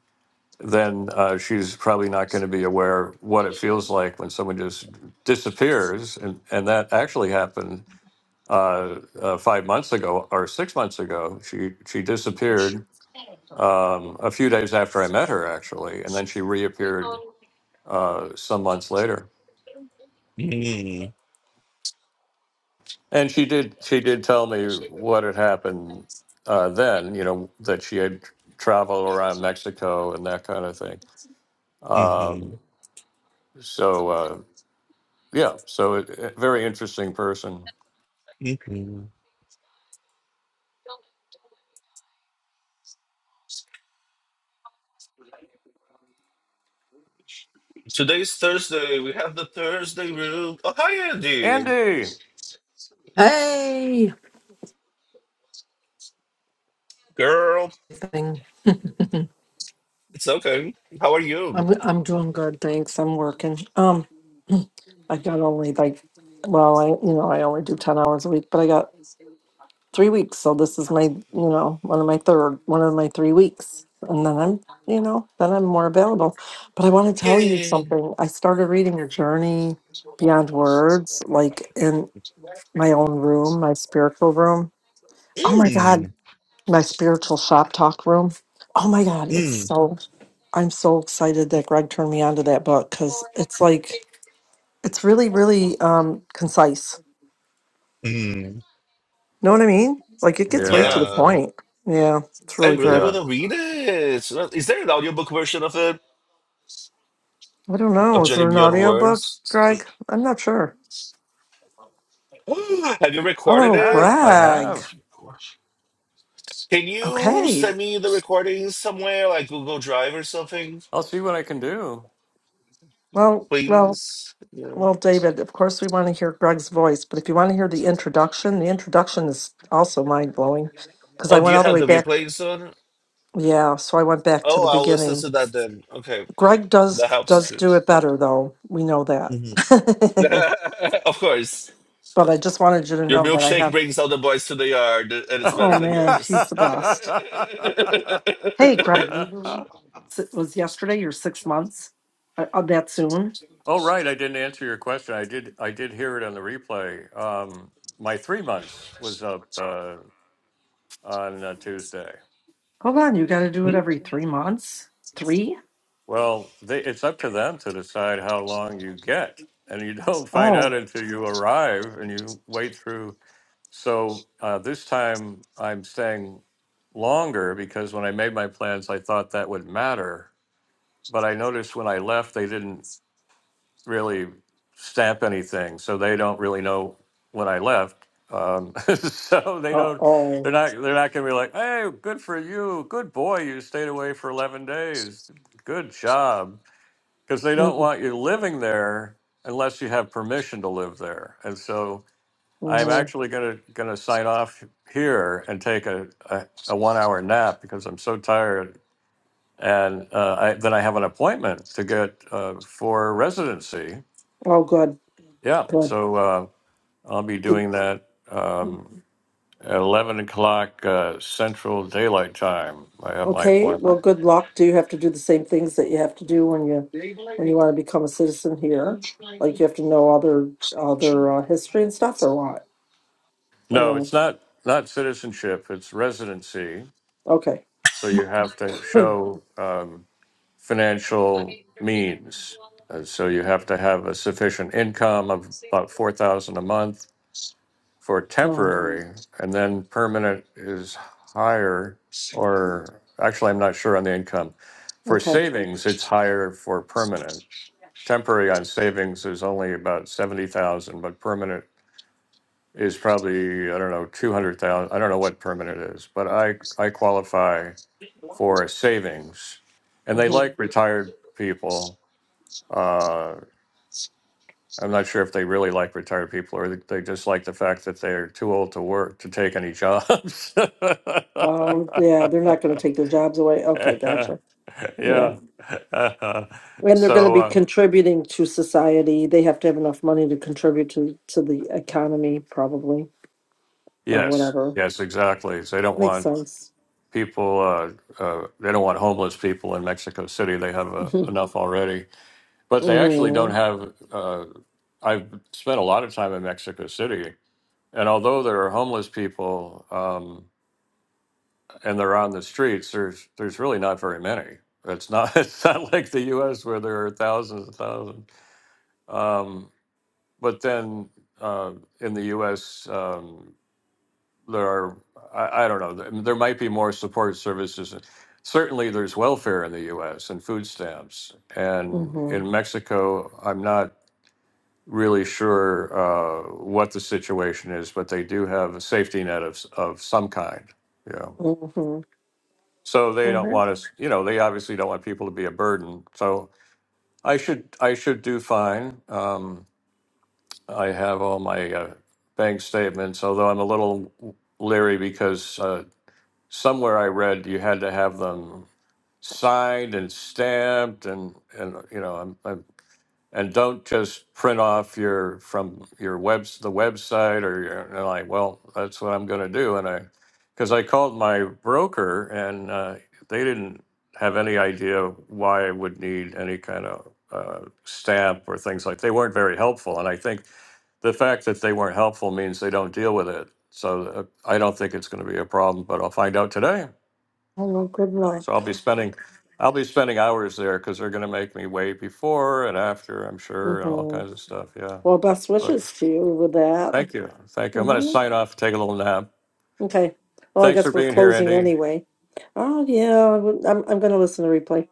then uh, she's probably not going to be aware what it feels like when someone just disappears, and and that actually happened uh, uh, five months ago or six months ago. She she disappeared um, a few days after I met her, actually, and then she reappeared uh, some months later. Mm. And she did she did tell me what had happened uh, then. You know that she had traveled around Mexico and that kind of thing. hmm Um, so uh, yeah, so a a very interesting person. hmm Today's Thursday. We have the Thursday room. Oh, hi, Andy. Andy. Hey, Girl, thing. it's okay. How are you? I'm I'm doing good, thanks. I'm working. Um, I got only like, well, I you know I only do ten hours a week, but I got three weeks, so this is my you know one of my third one of my three weeks, and then I'm you know then I'm more available. But I want to tell you Yay. something. I started reading a journey beyond words, like in my own room, my spiritual room. Oh my God, Mm. my spiritual shop talk room. Oh my God, it's Mm. so, I'm so excited that Greg turned me onto that book because it's like, it's really, really um, concise. Mm. Know what I mean? Like it gets right to Yeah, the Yeah. point. Yeah, it's I really really good. want yeah. to read it. Is there an audiobook version of it? I don't of know. Is Journey there an Beyond audio book, Words. Greg? I'm not sure. <gasps> Have you recorded Oh, I it? have I Greg. have. Can you Okay. send me the recording somewhere, like Google Drive or something, I'll see what I can do. Well, well, please? Yeah. well, David, of course we want to hear Greg's voice, but if you want to hear the introduction, the introduction is also mind blowing because I Oh, do went you all the have way the back replays on? Yeah, so I went back to the Oh, I'll listen beginning. to that then. Okay, Greg does that helps does too. do it better though. We know that. hmm <laughs> <laughs> of course, but I just wanted you to your know that I milkshake have brings all the boys to the yard, and it's oh better than man, he's yours. the best. Hey <laughs> Greg, we were <laughs> wondering. It was yesterday your six months? Uh, uh, that soon? Oh, right. I didn't answer your question. I did. I did hear it on the replay. Um, my three months was up uh, on uh, Tuesday. Hold on, you gotta do it every three months? Three? Well, they, it's up to them to decide how long you get, and you don't <laughs> find out Oh. until you arrive and you wait through. So uh, this time, I'm staying longer because when I made my plans, I thought that would matter. But I noticed when I left, they didn't. really stamp anything, so they don't really know when I left. Um, <laughs> so they Uh don't, oh. they're not, they're not gonna be like, "Hey, good for you, good boy, you stayed away for eleven days, good job," because they don't want you living there unless you have permission to live there. And so I'm Mm-hmm. actually gonna gonna sign off here and take a a, a one hour nap because I'm so tired. And uh, I, then I have an appointment to get uh, for residency Oh good. yeah, Good. so uh, I'll be doing that um, at 11 o'clock uh, Central Daylight Time. I have my Okay, well, appointment. good luck. Do you have to do the same things that you have to do when you when you want to become a citizen here? Like you have to know other other uh, history and stuff, or what? Or No, it's no? not not citizenship. It's residency. Okay. So you have to show um, financial means. Uh, so you have to have a sufficient income of about four thousand a month for Oh, temporary, and then permanent is higher, or actually, I'm not sure on the income. For okay. savings, it's higher for permanent. Temporary on savings is only about 70,000, but permanent is probably, I don't know, 200,000. I don't know what permanent is, but I, I qualify for savings. And they hmm like retired people. Uh, I'm not sure if they really like retired people or they just like the fact that they're too old to work to take any jobs. Oh, yeah. They're not going to take their jobs away. Okay, <laughs> gotcha. Yeah, yeah. <laughs> and they're going to so be uh, contributing to society. They have to have enough money to contribute to to the economy, probably, or yes, whatever. yes, exactly. So they don't Makes want sense. people. Uh, uh, they don't want homeless people in Mexico City. They have uh, <laughs> enough already, but they actually don't Mm-hmm. have. Uh, I've spent a lot of time in Mexico City, and although there are homeless people. Um, and they're on the streets, there's there's really not very many. It's not <laughs> it's not like the U.S. where there are thousands and thousands. Um, but then uh, in the U.S. Um, there are I, I don't know there there might be more support services. Certainly, there's welfare in the U.S. and food stamps, and Mm-hmm. in Mexico, I'm not really sure uh, what the situation is, but they do have a safety net of s- of some kind. Yeah. Mm-hmm. Mm-hmm. So they don't Okay. want us, you know, they obviously don't want people to be a burden. So I should, I should do fine. Um, I have all my uh, bank statements, although I'm a little leery because uh, somewhere I read you had to have them signed and stamped, and and you know, I'm, I and don't just print off your from your webs the website or your and like well that's what i'm going to do and i because i called my broker and uh, they didn't have any idea why i would need any kind of uh, stamp or things like they weren't very helpful and i think the fact that they weren't helpful means they don't deal with it so uh, i don't think it's going to be a problem but i'll find out today Hello. Good so luck. I'll be spending, I'll be spending hours there because they're going to make me wait before and after, I'm sure, and all Mm-hmm. kinds of stuff. Yeah. Well, best But wishes to you with that. thank you. Thank you. I'm going to hmm sign off, take a little nap. Okay. Well, I Thanks for guess we're being here, closing Andy. anyway. Oh yeah, I would- I'm I'm going to listen to replay.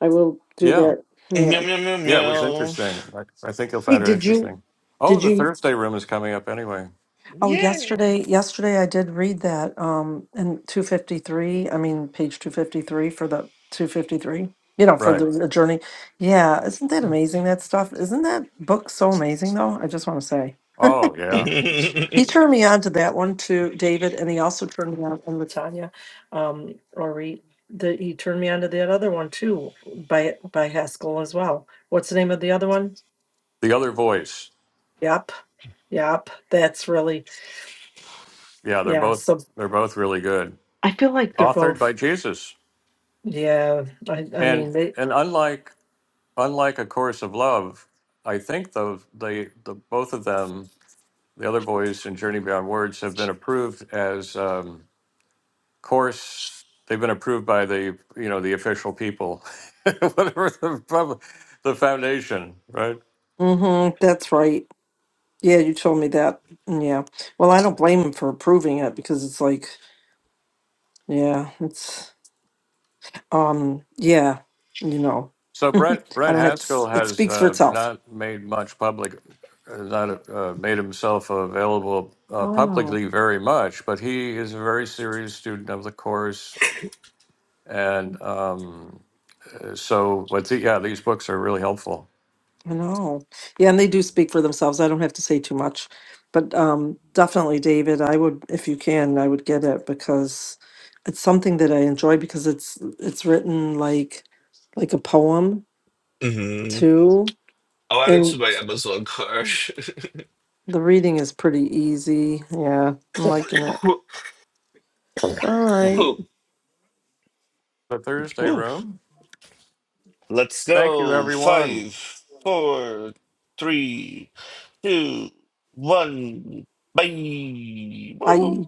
I will do Yeah. that. Yeah. meow meow meow Yeah. It was interesting. I, I think you'll Hey, find it did you interesting. Oh, did the you? Thursday room is coming up anyway. Oh, yesterday yesterday I did read that um in 253. I mean page 253 for the 253. You know, for the, Right. the journey. Yeah, isn't that amazing? That stuff. Isn't that book so amazing though? I just want to say. Oh, meow. yeah. <laughs> He turned me on to that one too, David, and he also turned me on, and Latanya, um, or he, the, he turned me on to that other one too, by, by Haskell as well. What's the name of the other one? The other voice. Yep, yep, that's really, Yeah. They're yeah, both, so they're both really good. I feel like they're Authored by both, Jesus. yeah, I, I And, mean, they. and unlike, unlike A Course of Love, I think the, they, the, both of them The other voice and Journey Beyond Words have been approved as um, course. They've been approved by the you know the official people, <laughs> whatever the pub- the foundation, right? Mm-hmm, that's right. Yeah, you told me that. Yeah. Well, I don't blame him for approving it because it's like, yeah, it's, um, yeah, you know, So Brent I Brent don't have to, Haskell s- it has speaks for uh, itself. not made much public, uh, not uh, made himself available uh, Oh publicly very much, but he is a very serious student of the course, and um, uh, so what's he, yeah, these books are really helpful. I know. Yeah, and they do speak for themselves. I don't have to say too much. But um, definitely, David, I would, if you can, I would get it because it's something that I enjoy because it's it's written like like a poem Mhm. too, Oh, added and to my Amazon card. the reading is pretty easy. Yeah, I'm liking it. All right. The <laughs> Thursday room. Let's Thank you, go. everyone. Five, four, three, two, one. Bye. Bye.